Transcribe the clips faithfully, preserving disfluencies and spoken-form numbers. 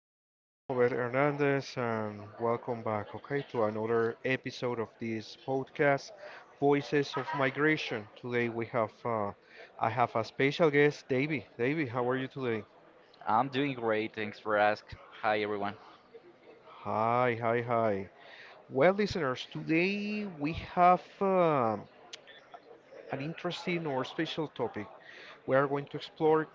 is uh, Robert Hernandez, and welcome back, okay, to another episode of this podcast, Voices of Migration. Today we have, uh, I have a special guest, Davey. Davey, how are you today? I'm doing great, thanks for asking. Hi, everyone. Hi, hi, hi. Well, listeners, today we have um an interesting or special topic. We are going to explore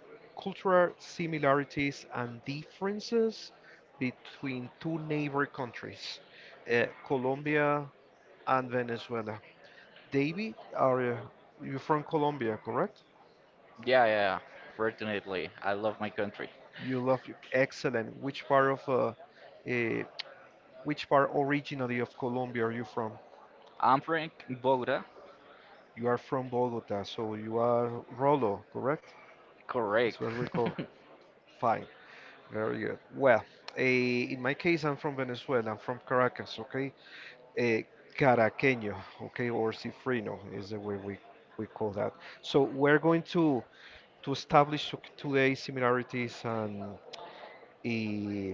cultural similarities and differences between two neighbor countries, uh, Colombia and Venezuela. David, are you you from Colombia, correct? Yeah, yeah, yeah. Fortunately, I love my country. You love excellent. Which part of uh, uh, which part originally of Colombia are you from? I'm from Bogota. You are from Bogota, so you are Rolo, correct? Correct. Is what we call. Fine, very good. Well, eh, in my case, I'm from Venezuela. I'm from Caracas, okay? A caraqueño, okay, or cifrino is the way we, we call that. So we're going to to establish today similarities and eh,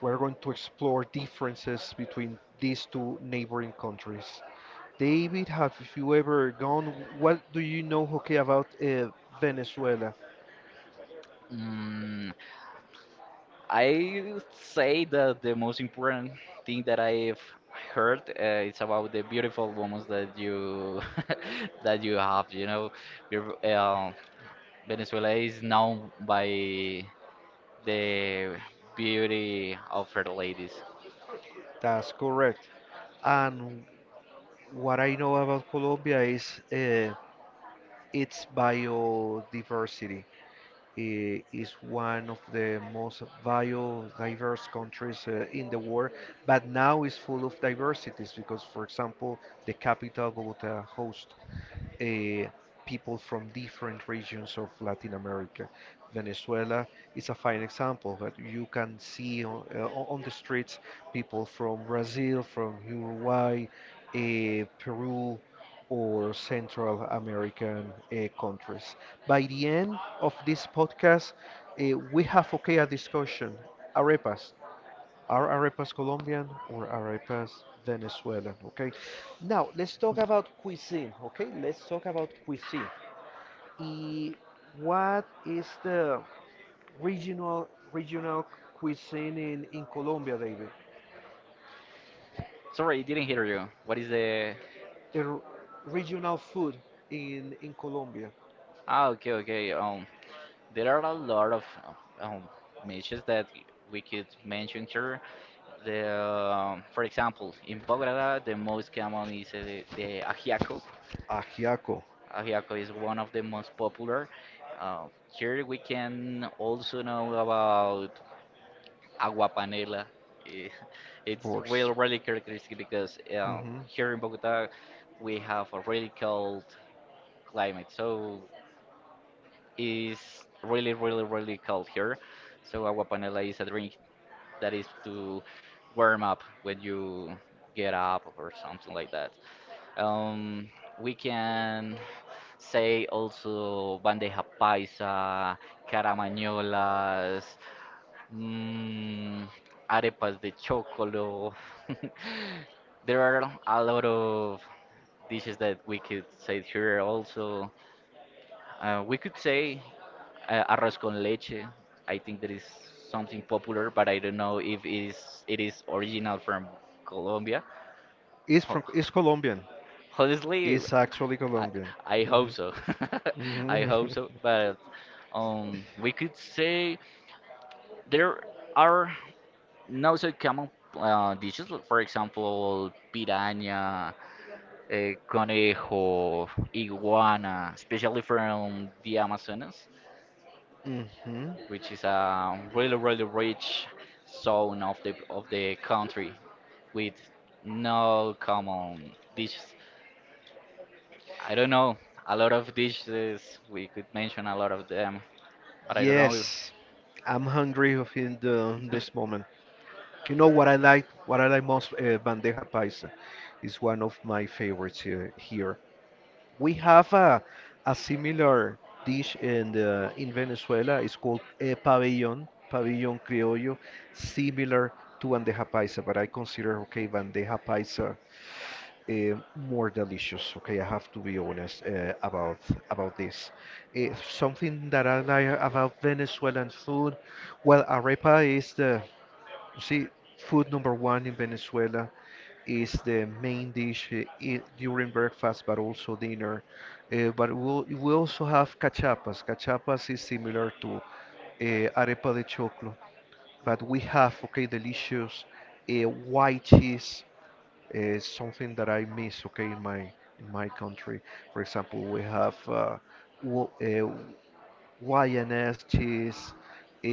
we're going to explore differences between these two neighboring countries. David, have you ever gone? What do you know, okay, about uh, Venezuela? mm, I would say that the most important thing that I've heard uh, is about the beautiful women that you that you have. You know, Your- uh, Venezuela is known by the beauty of her ladies. That's correct. And what I know about Colombia is uh, its biodiversity. Eh, is one of the most biodiverse countries uh, in the world, but now is full of diversities because, for example, the capital Bogota hosts uh, people from different regions of Latin America. Venezuela is a fine example that you can see on, uh, o- on the streets people from Brazil, from Uruguay, uh, Peru, or Central American uh, countries. By the end of this podcast, uh, we have okay a discussion. Arepas, are arepas Colombian or arepas Venezuelan? Okay. Now let's talk about cuisine. Okay, let's talk about cuisine. Y what is the regional regional cuisine in, in Colombia, David? Sorry, I didn't hear you. What is the The r- regional food in in Colombia. Ah, okay, okay. Um, there are a lot of um matches that we could mention here. The um, For example, in Bogota, the most common is uh, the ajiaco. Ajiaco, Ajiaco is one of the most popular. Uh, here we can also know about agua panela. Eh, of It's really course. really characteristic because uh, Hmm. here in Bogota we have a really cold climate, so is really, really, really cold here. So agua panela is a drink that is to warm up when you get up or something like that. Um, we can say also bandeja paisa, caramañolas, mm, arepas de chocolo. There are a lot of dishes that we could say here also. Uh, we could say uh, arroz con leche. I think that is something popular, but I don't know if it is it is original from Colombia. It's Ho- from it's Colombian. Honestly, It's actually I, Colombian. I hope so. I Hmm. hope so, but um, we could say there are not so common uh, dishes. like, For example, piranha, uh, conejo, iguana, especially from the Amazonas, Hmm. which is a really really rich zone of the of the country with no common dishes. I don't know a lot of dishes. We could mention a lot of them, but I don't know. Yes, I'm hungry of in the, this moment. You know what I like? What I like most, uh, bandeja paisa, is one of my favorites here. here. We have a, a similar dish in the, in Venezuela. It's called eh, pabellón, pabellón criollo, similar to bandeja paisa, but I consider okay bandeja paisa eh, more delicious. Okay, I have to be honest uh, about about this. Eh, something that I like about Venezuelan food, well, arepa is the see food number one in Venezuela is the main dish eh, I during breakfast, but also dinner. Eh, but we'll, we also have cachapas. Cachapas is similar to eh, arepa de choclo, but we have okay delicious eh, white cheese is something that I miss, okay, in my in my country. For example, we have uh, wo- uh, Y N S cheese, uh,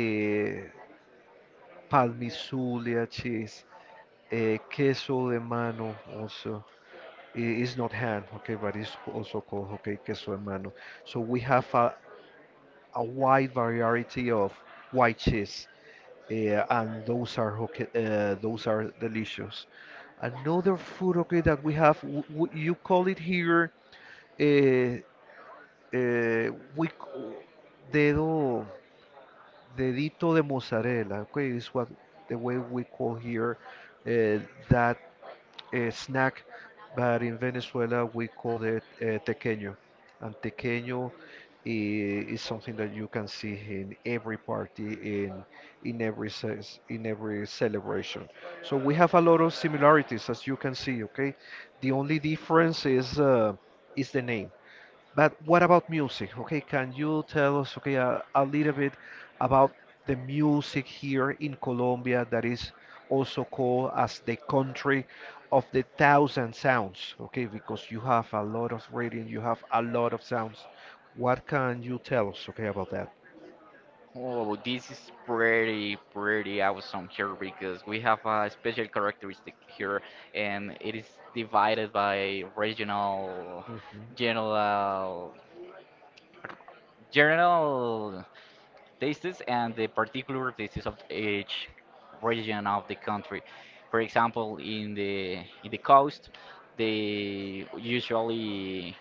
Palmizulia cheese, uh, queso de mano also. It is not hand, okay, but it's c- also called, okay, queso de mano. So we have a, a wide variety of white cheese uh, and those are okay, uh, those are delicious. Another food, okay, that we have, w w you call it here, uh, uh, we c- dedo, dedito de mozzarella. Okay, is what the way we call here uh, that a snack, but in Venezuela we call it uh, tequeño. And tequeño i- is something that you can see in every party, in in every ce- in every celebration. So we have a lot of similarities, as you can see. Okay, the only difference is uh, is the name. But what about music? Okay, can you tell us, okay, a, a little bit about the music here in Colombia that is also called as the country of the thousand sounds? Okay, because you have a lot of reading, you have a lot of sounds. What can you tell us, okay, about that? Oh, this is pretty, pretty awesome here because we have a special characteristic here, and it is divided by regional, Hmm. general, general. Tastes and the particular tastes of each region of the country. For example, in the in the coast, they usually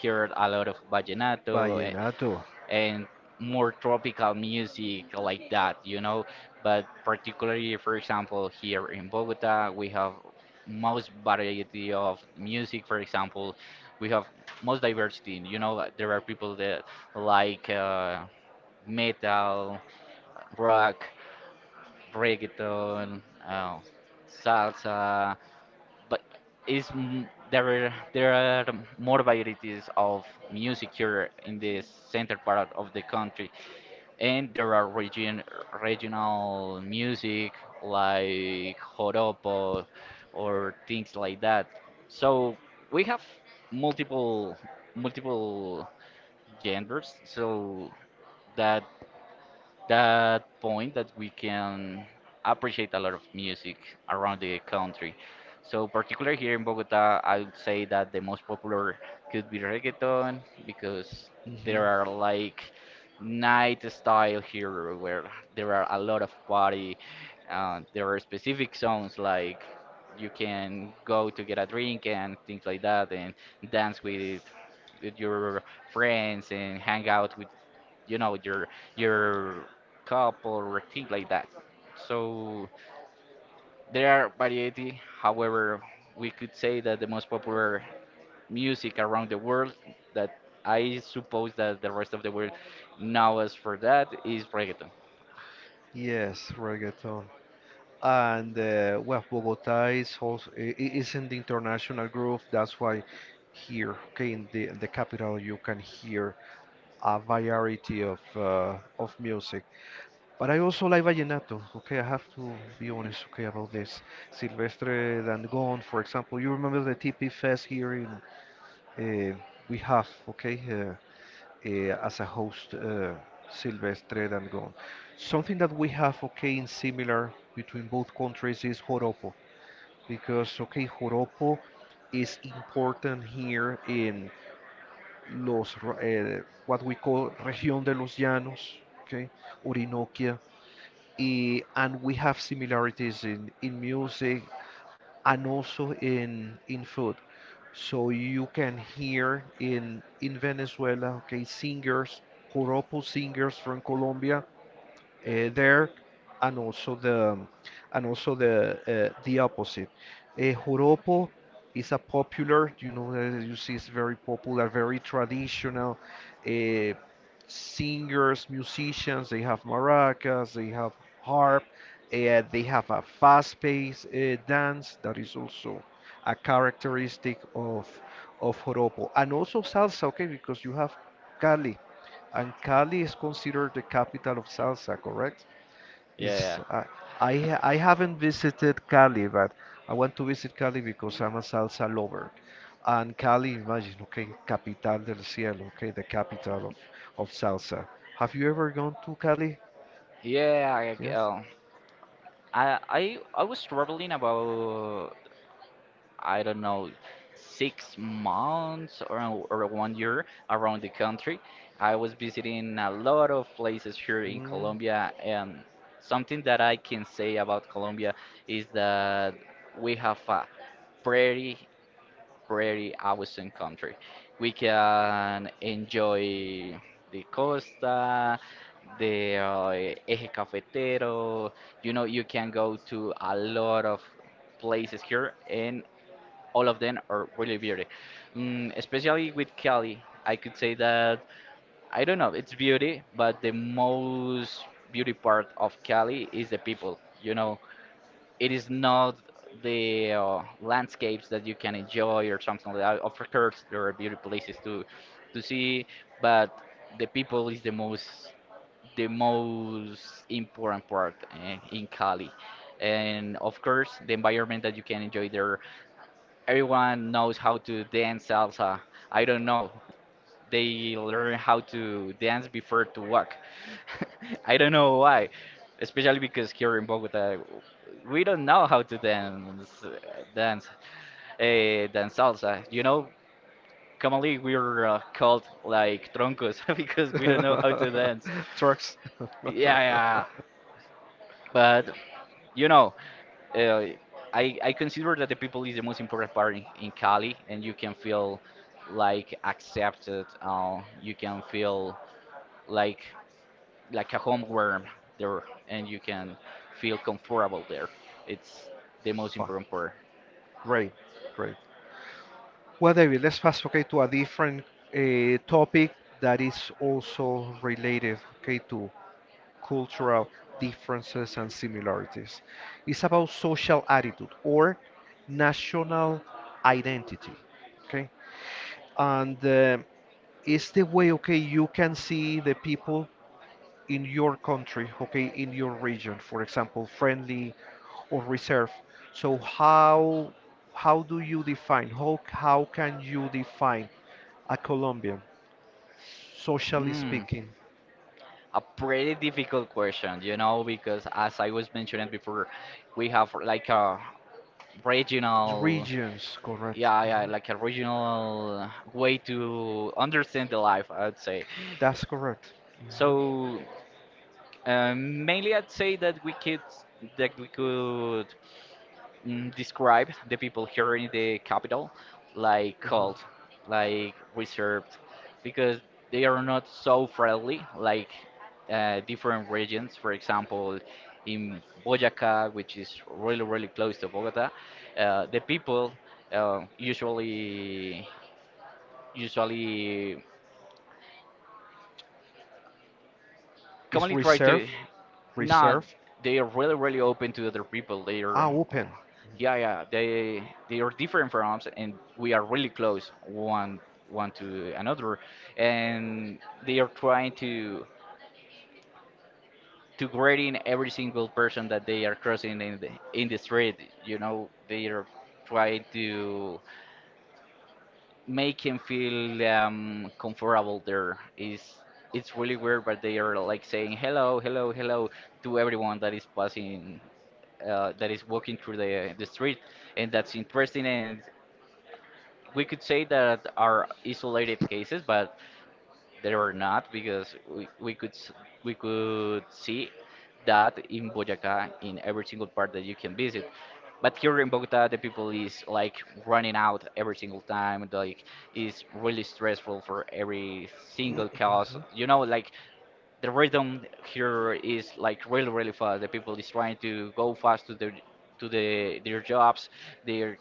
hear a lot of vallenato a- Vallenato. and more tropical music like that, you know. But particularly, for example, here in Bogota, we have most variety of music. For example, we have most diversity. You know, like, there are people that like uh, metal, rock, reggaeton, uh, salsa, but it's m- there are there are more varieties of music here in the center part of the country, and there are region regional music like joropo or things like that. So we have multiple multiple genders, so that that point that we can appreciate a lot of music around the country. So, particular here in Bogota, I would say that the most popular could be reggaeton because there Hmm. are like night style here where there are a lot of party. Uh, there are specific songs like you can go to get a drink and things like that and dance with with your friends and hang out with you know your your cup or thing like that, so there are variety. However, we could say that the most popular music around the world that I suppose that the rest of the world knows for that is reggaeton. Yes, reggaeton. And uh, well, Bogota is also i- i- is in the international group. That's why here, okay, in the in the capital, you can hear a variety of uh, of music. But I also like vallenato. Okay, I have to be honest. Okay, about this Silvestre Dangond, for example. You remember the T P Fest here in uh, we have okay uh, uh, as a host uh, Silvestre Dangond. Something that we have okay in similar between both countries is joropo because okay, joropo is important here in los r- eh, what we call región de los llanos, okay, Orinoquia, eh, and we have similarities in in music and also in in food. So you can hear in in Venezuela, okay, singers, joropo singers from Colombia uh, there, and also the and also the uh, the opposite. Uh, Joropo is a popular, you know, uh, you see, it's very popular, very traditional. Uh, Singers, musicians, they have maracas, they have harp, uh, they have a fast-paced uh, dance that is also a characteristic of of joropo, and also salsa, okay, because you have Cali. And Cali is considered the capital of salsa, correct? Is Yeah, uh, I ha- I haven't visited Cali, but I want to visit Cali because I'm a salsa lover. And Cali, imagine, okay, capital del cielo, okay, the capital of of salsa. Have you ever gone to Cali? yeah, yeah. I, Yes. uh, I i i was struggling about, I don't know, six months or, or one year around the country. I was visiting a lot of places here in Mm. Colombia, and something that I can say about Colombia is that we have a pretty, pretty awesome country. We can enjoy the costa, the uh, Eje Cafetero. You know, you can go to a lot of places here, and all of them are really beauty. Mm, especially with Cali, I could say that, I don't know, it's beauty, but the most beauty part of Cali is the people. You know, it is not the uh, landscapes that you can enjoy or something like that. Of course, there are beauty places to to see, but the people is the most the most important part eh, in Cali. And of course, the environment that you can enjoy there, everyone knows how to dance salsa. I don't know. They learn how to dance before to walk. I don't know why, especially because here in Bogota, we don't know how to dance, dance, eh, dance salsa. You know, commonly we're uh, called like troncos because we don't know how to dance. Trucks. Yeah, yeah, yeah. But you know, uh, I, I consider that the people is the most important part in, in Cali, and you can feel like accepted. Uh, you can feel like like a homeworm there, and you can feel comfortable there. It's the most important Fine. part. Great, great. Well, David, let's fast okay to a different uh, topic that is also related okay to cultural differences and similarities. It's about social attitude or national identity. Okay, and uh, it's the way okay you can see the people in your country, okay, in your region, for example, friendly or reserved. So how how do you define how how can you define a Colombian, socially Mm, speaking, a pretty difficult question, you know, because as I was mentioning before, we have like a regional, regions, correct. yeah, yeah, Mhm. like a regional way to understand the life, I'd say. That's correct. Mhm, So um, mainly, I'd say that we could that we could mm, describe the people here in the capital like mhm. cold, like reserved, because they are not so friendly like uh, different regions. For example, in Boyacá, which is really really close to Bogota, uh, the people uh, usually usually It's commonly try reserved, to not, reserved, they are really really open to other people. They ah, are open. yeah, yeah, they they are different from us, and we are really close one one to another, and they are trying to to grading every single person that they are crossing in the in the street. You know, they are trying to make him feel um, comfortable. There is, it's really weird, but they are like saying hello hello hello to everyone that is passing uh, that is walking through the the street, and that's interesting. And we could say that are isolated cases, but there were not, because we, we could s- we could see that in Boyacá in every single part that you can visit. But here in Bogota, the people is like running out every single time. Like, it's really stressful for every Mhm, single cause. mhm. You know, like, the rhythm here is like really really fast. The people is trying to go fast to their to the their jobs. They're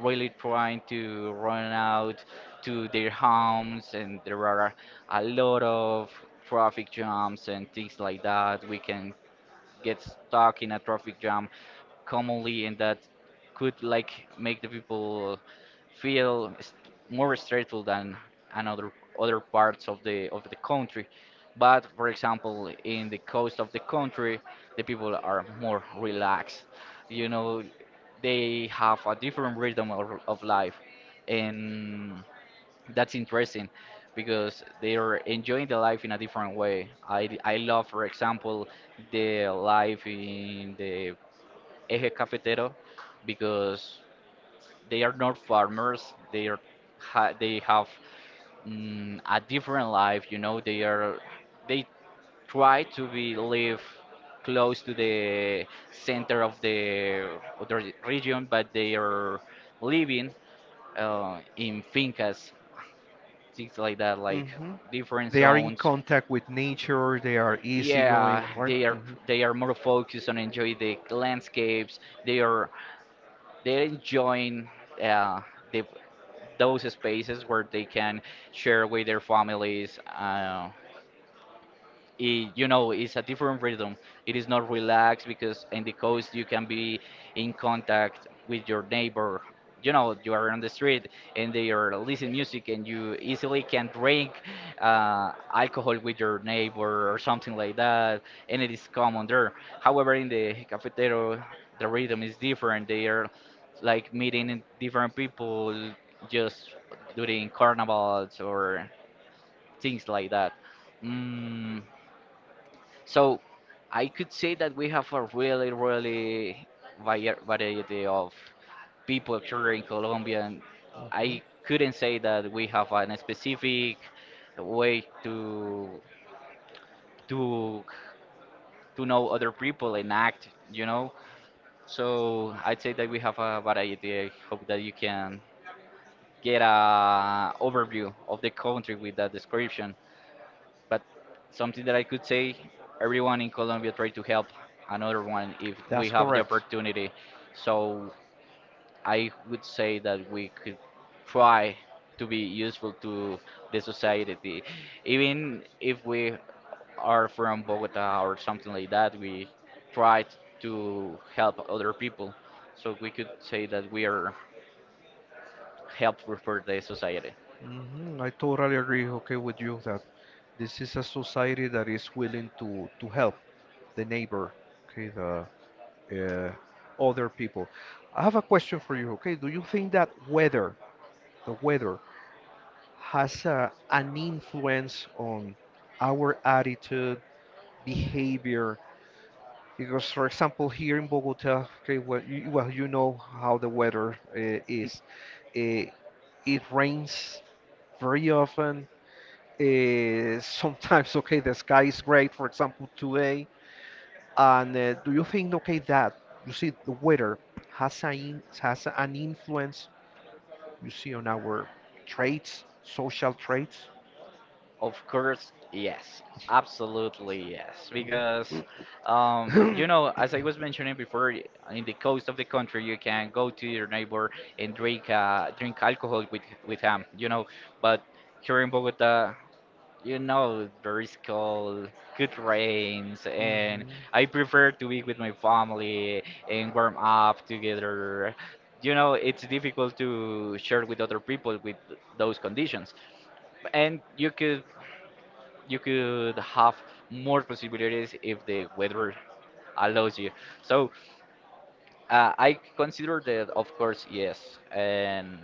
really trying to run out to their homes, and there are a lot of traffic jams and things like that. We can get stuck in a traffic jam commonly, and that could like make the people feel s- more stressful than another other parts of the of the country. But for example, in the coast of the country, the people are more relaxed. You know, they have a different rhythm of, of life, and that's interesting because they are enjoying the life in a different way. I I love, for example, the life in the Eje Cafetero, because they are not farmers. They are ha, they have mm, a different life. You know, they are they try to be live close to the center of the of the region, but they are living uh, in fincas, things like that, like Mhm. different They are in zones. contact with nature, they are Yeah, easygoing, right? they are Mhm, they are more focused on enjoy the landscapes. They are they're enjoying uh, the, those spaces where they can share with their families. Uh, it, you know, it's a different rhythm. It is not relaxed, because in the coast you can be in contact with your neighbor. You know, you are on the street, and they are listening music, and you easily can drink uh, alcohol with your neighbor or something like that, and it is common there. However, in the cafetero, the rhythm is different. They are like meeting in different people just during carnivals or things like that. mm, so I could say that we have a really, really vari- variety of people here in Colombia. And mhm. I couldn't say that we have a specific way to to to know other people and act, you know. So I'd say that we have a variety. I hope that you can get a overview of the country with that description. But something that I could say, everyone in Colombia try to help another one if we That's have the correct. opportunity. So I would say that we could try to be useful to the society, even if we are from Bogota or something like that. We tried to help other people, so we could say that we are helpful for the society. Hmm. I totally agree, okay, with you that this is a society that is willing to to help the neighbor, okay, the uh, other people. I have a question for you, okay? Do you think that weather, the weather, has uh, an influence on our attitude, behavior? Because, for example, here in Bogota, okay, well, you, well, you know how the weather uh, is. Uh, it rains very often. Uh, sometimes, okay, the sky is great. For example, today and uh, do you think, okay, that you see the weather has an in, has an influence, you see, on our traits, social traits? Of course, yes. Absolutely, yes. Mhm. Because, um, you know, as I was mentioning before, in the coast of the country, you can go to your neighbor and drink uh, drink alcohol with with him, you know. But here in Bogota, you know, there is cold, good rains, and Mhm. I prefer to be with my family and warm up together. You know, it's difficult to share with other people with those conditions, and you could you could have more possibilities if the weather allows you. So uh, I consider that, of course, yes, and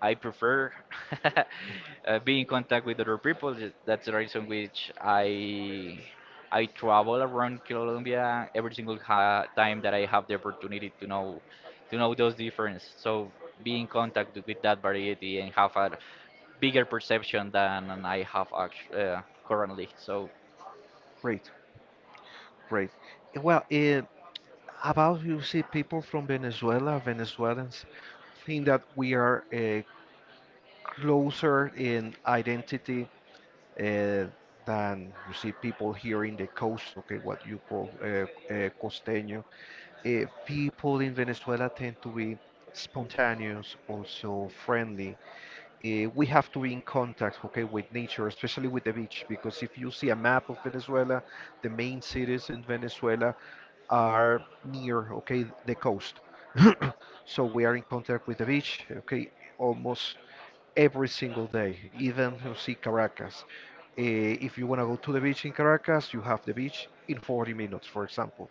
I prefer uh, being in contact with other people. Th- That's the reason which I I travel around Colombia every single ha time that I have the opportunity to know to know those differences. So be in contact with that variety and have a bigger perception than I have act- uh, currently. So Great, great. Eh, Well, eh, about you see people from Venezuela, Venezuelans think that we are eh, closer in identity uh, than you see people here in the coast, okay, what you call uh, uh, costeño. Uh, people in Venezuela tend to be spontaneous, also friendly. Uh, we have to be in contact, okay, with nature, especially with the beach, because if you see a map of Venezuela, the main cities in Venezuela are near, okay, the coast. So we are in contact with the beach, okay, almost every single day, even you see Caracas. Eh, if you want to go to the beach in Caracas, you have the beach in forty minutes, for example.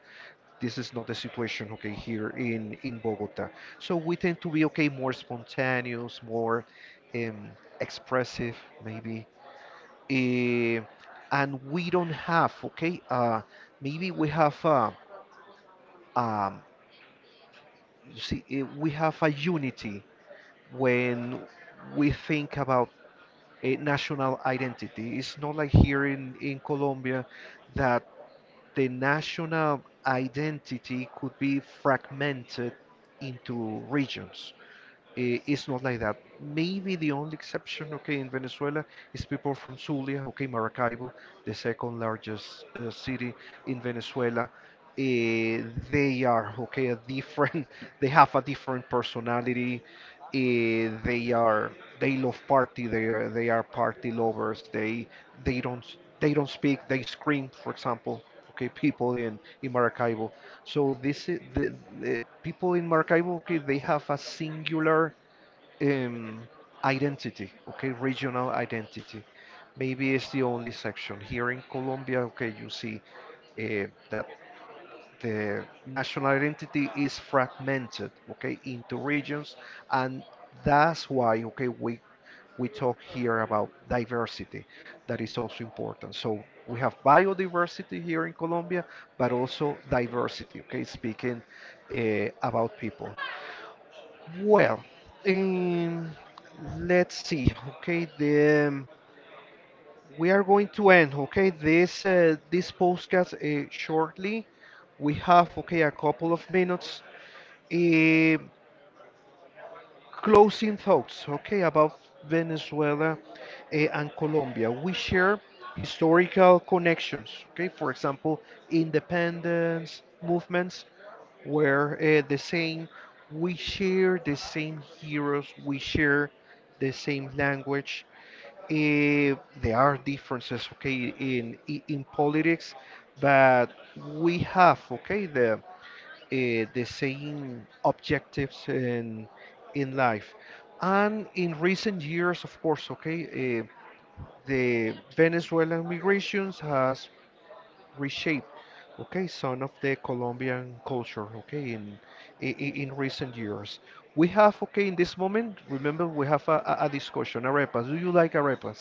This is not the situation, okay, here in, in Bogota. So we tend to be, okay, more spontaneous, more um, expressive, maybe. Eh, and we don't have, okay, uh, maybe we have, uh, um, you see, eh, we have a unity when we think about a national identity. It's not like here in, in Colombia that the national identity could be fragmented into regions i- it's not like that. Maybe the only exception, okay, in Venezuela is people from Zulia, okay, Maracaibo, the second largest uh, city in Venezuela. Eh, they are, okay, a different, they have a different personality. Eh, they are, they love party. They are, they are party lovers. They, they don't, they don't speak. They scream, for example, okay, people in in Maracaibo. So this i- the, the people in Maracaibo, okay, they have a singular um, identity, okay, regional identity. Maybe it's the only section here in Colombia. Okay, you see uh, that the national identity is fragmented, okay, into regions, and that's why, okay, we we talk here about diversity that is also important. So we have biodiversity here in Colombia but also diversity okay speaking uh, about people. Well, um, let's see okay the um, we are going to end okay this uh, this podcast uh, shortly. We have okay a couple of minutes. Um Closing thoughts, okay, about Venezuela eh, and Colombia. We share historical connections, okay, for example, independence movements were uh, the same. We share the same heroes, we share the same language. Eh, there are differences, okay, in i- in politics, but we have, okay, the uh, the same objectives in in life. And in recent years, of course, okay, uh, the Venezuelan migrations has reshaped, okay, some of the Colombian culture, okay, in in, in recent years. We have, okay, in this moment, remember, we have a, a a discussion, arepas. Do you like arepas?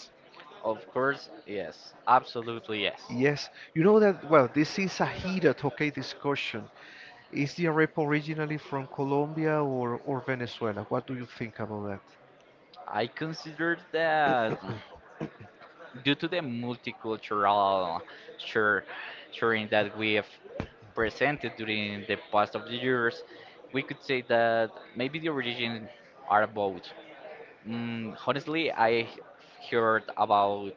of course, yes, absolutely yes. Yes, you know that, well, this is a heated, okay, discussion. Is the rap originally from Colombia or, or Venezuela? What do you think about I consider that due to the multicultural share, sharing that we have presented during the past of the years, we could say that maybe the origin are both. Mm, honestly, I heard about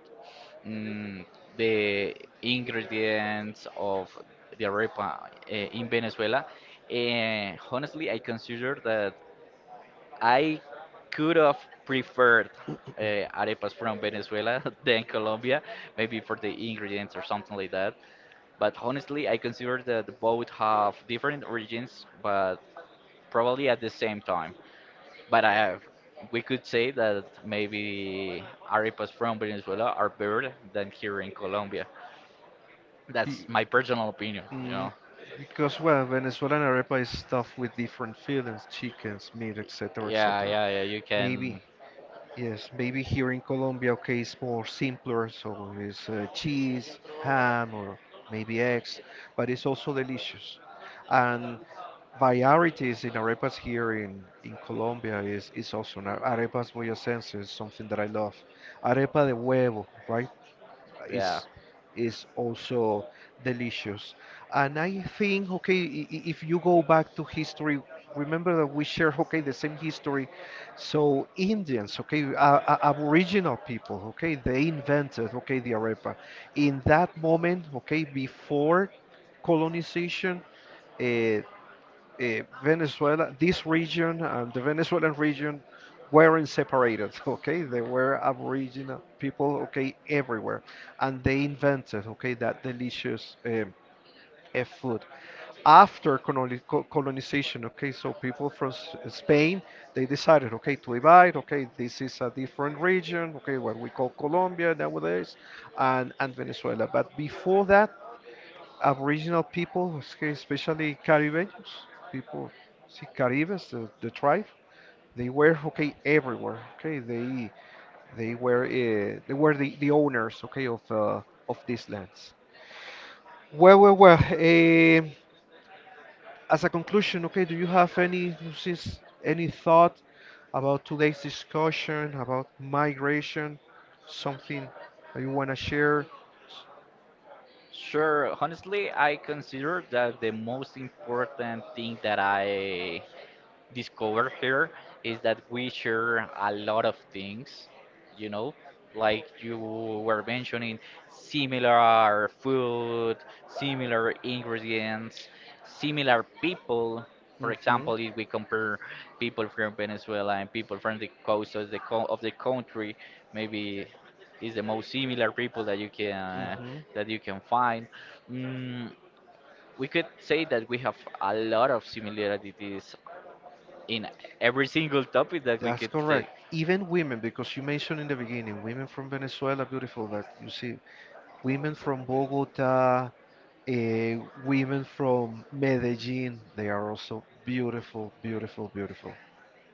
mm, the ingredients of the arepa eh, in Venezuela, and honestly, I consider that I could have preferred uh, arepas from Venezuela than Colombia, maybe for the ingredients or something like that. But honestly, I consider that both have different origins, but probably at the same time. But I have, we could say that maybe arepas from Venezuela are better than here in Colombia. that? That's Be- my personal opinion, you mm, know. because, well, Venezuelan arepa is stuffed with different fillings, chickens, meat, et cetera, Yeah, et cetera. yeah, yeah. You Maybe, can, yes, maybe here in Colombia, okay, it's more simpler, so it's uh, cheese, ham, or maybe eggs, but it's also delicious. And varieties in arepas here in, in Colombia is, is awesome. Are- Arepas boyacense is something that I love. Arepa de huevo, right, yeah. is is also delicious. And I think, okay, i- i- if you go back to history, remember that we share, okay, the same history. So Indians, okay, uh, uh, Aboriginal people, okay, they invented, okay, the arepa. In that moment, okay, before colonization, uh, uh, Venezuela, this region and the Venezuelan region weren't separated, okay? They were aboriginal people, okay, everywhere. And they invented, okay, that delicious um, uh, food. After coloni- co- colonization, okay, so people from S- Spain, they decided, okay, to divide, okay, this is a different region, okay, what we call Colombia nowadays, and, and Venezuela. But before that, Aboriginal people, especially Caribeños, people, see, Caribes, the, the tribe, they were okay everywhere. Okay, they they were uh, they were the, the owners, okay, of uh, of these lands. Well, well, well. Eh, as a conclusion, okay, do you have any since any thought about today's discussion about migration? Something that you want to share? Sure. Honestly, I consider that the most important thing that I discovered here is that we share a lot of things, you know, like you were mentioning similar food, similar ingredients, similar people. For Mm-hmm. example, if we compare people from Venezuela and people from the coast of the, co- of the country, maybe is the most similar people that you can Mm-hmm. that you can find. Mm, we could say that we have a lot of similarities in every single topic that we That's could take. correct. Even women, because you mentioned in the beginning, women from Venezuela, beautiful that you see, women from Bogota, eh, women from Medellin, they are also beautiful, beautiful, beautiful.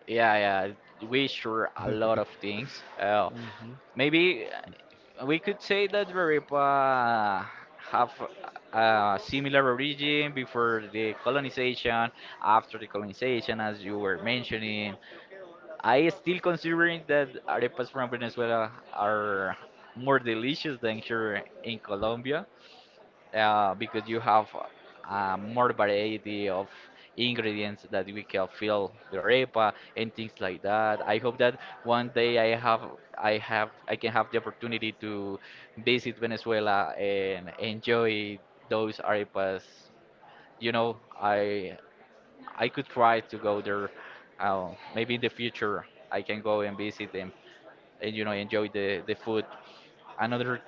Yeah, yeah, we sure a lot of things. Uh, hmm. Maybe uh, we could say that Verepa have a similar origin before the colonization, after the colonization, as you were mentioning. I still considering that arepas from Venezuela are more delicious than here in Colombia. Uh, because you have uh, more variety of ingredients that we can fill the arepa and things like that. I hope that one day I have I have I can have the opportunity to visit Venezuela and enjoy those arepas. You know, I I could try to go there. Uh, maybe in the future I can go and visit them, and you know, enjoy the the food. Another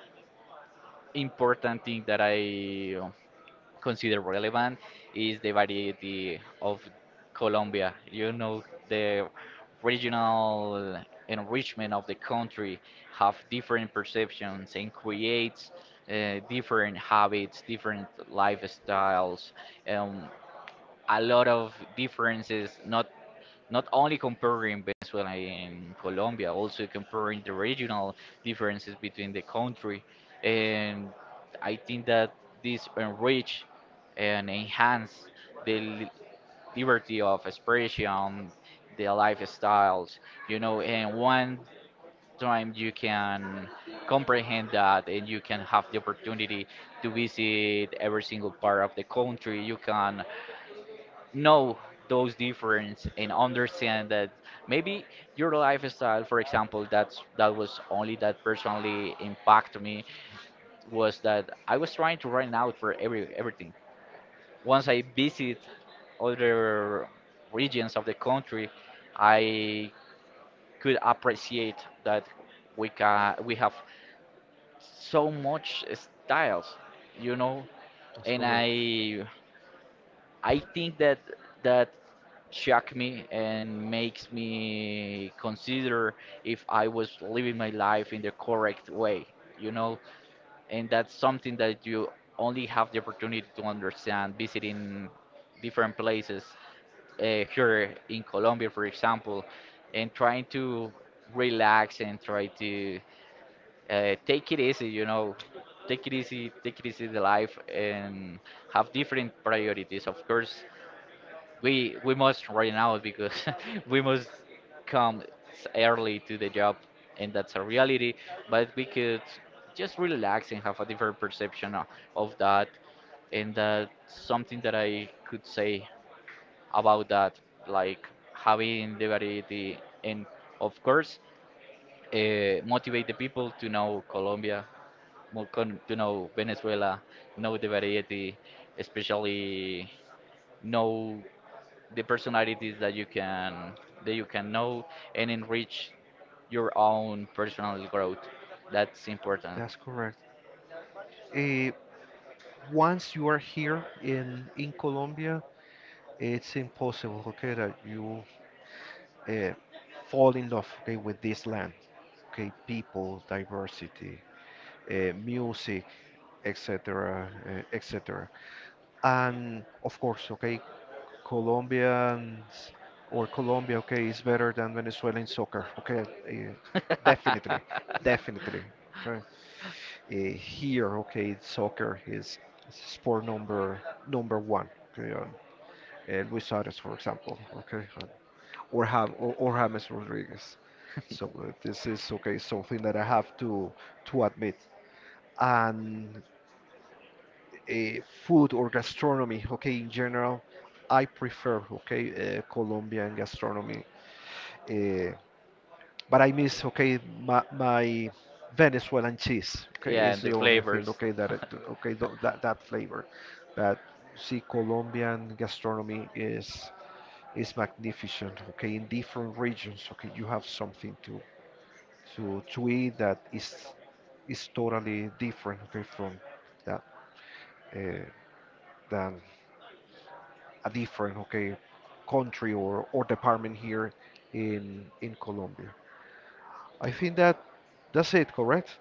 important thing that I consider relevant is the variety of Colombia. You know, the regional enrichment of the country have different perceptions and creates uh, different habits, different lifestyles, um, a lot of differences, not not only comparing Venezuela and Colombia, also comparing the regional differences between the country. And I think that this enrich and enhance the li- liberty of expression, the lifestyles, you know, and one time you can comprehend that, and you can have the opportunity to visit every single part of the country. You can know those difference and understand that maybe your lifestyle, for example, that's that was only that personally impacted me was that I was trying to run out for every everything. Once I visit other regions of the country, I could appreciate that we can we have so much styles, you know, That's and correct. i I think that that shocked me and makes me consider if I was living my life in the correct way, you know, and that's something that you only have the opportunity to understand visiting different places uh, here in Colombia, for example, and trying to relax and try to uh, take it easy, you know, take it easy, take it easy the life and have different priorities. Of course, we we must right now because we must come s- early to the job, and that's a reality. But we could just relax and have a different perception o- of that, and that's something that I could say about that, like having the variety, and of course, uh, motivate the people to know Colombia, mo- con- to know Venezuela, know the variety, especially know the personalities that you can that you can know and enrich your own personal growth. That's important. That's correct. Eh, Once you are here in in Colombia, it's impossible, okay, that you eh, fall in love, okay, with this land, okay, people, diversity, uh, music, et cetera, uh, et cetera. And of course, okay, Colombians or Colombia, okay, is better than Venezuelan soccer, okay, uh, definitely, definitely, okay. Uh, here, okay, soccer is sport number number one, okay. Uh, uh, Luis Suarez, for example, okay, uh, or Ham or, or James Rodriguez. So uh, this is okay, something that I have to to admit. And uh, food or gastronomy, okay, in general, I prefer, okay, uh, Colombian gastronomy. Uh, but I miss, okay, my, my Venezuelan cheese, okay, Yeah, is and the the only thing, flavors. okay, that, it, okay, th that, that flavor. But see, Colombian gastronomy is is magnificent, okay, in different regions, okay, you have something to to to eat that is is totally different, okay, from that uh, than a different okay country or, or department here in in Colombia. I think that that's it, correct?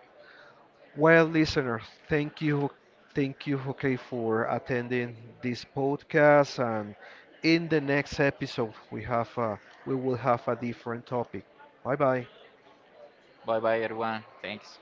Well, listeners, thank you, thank you, okay, for attending this podcast. And in the next episode, we have a we will have a different topic. Bye bye. Bye bye, everyone. Thanks.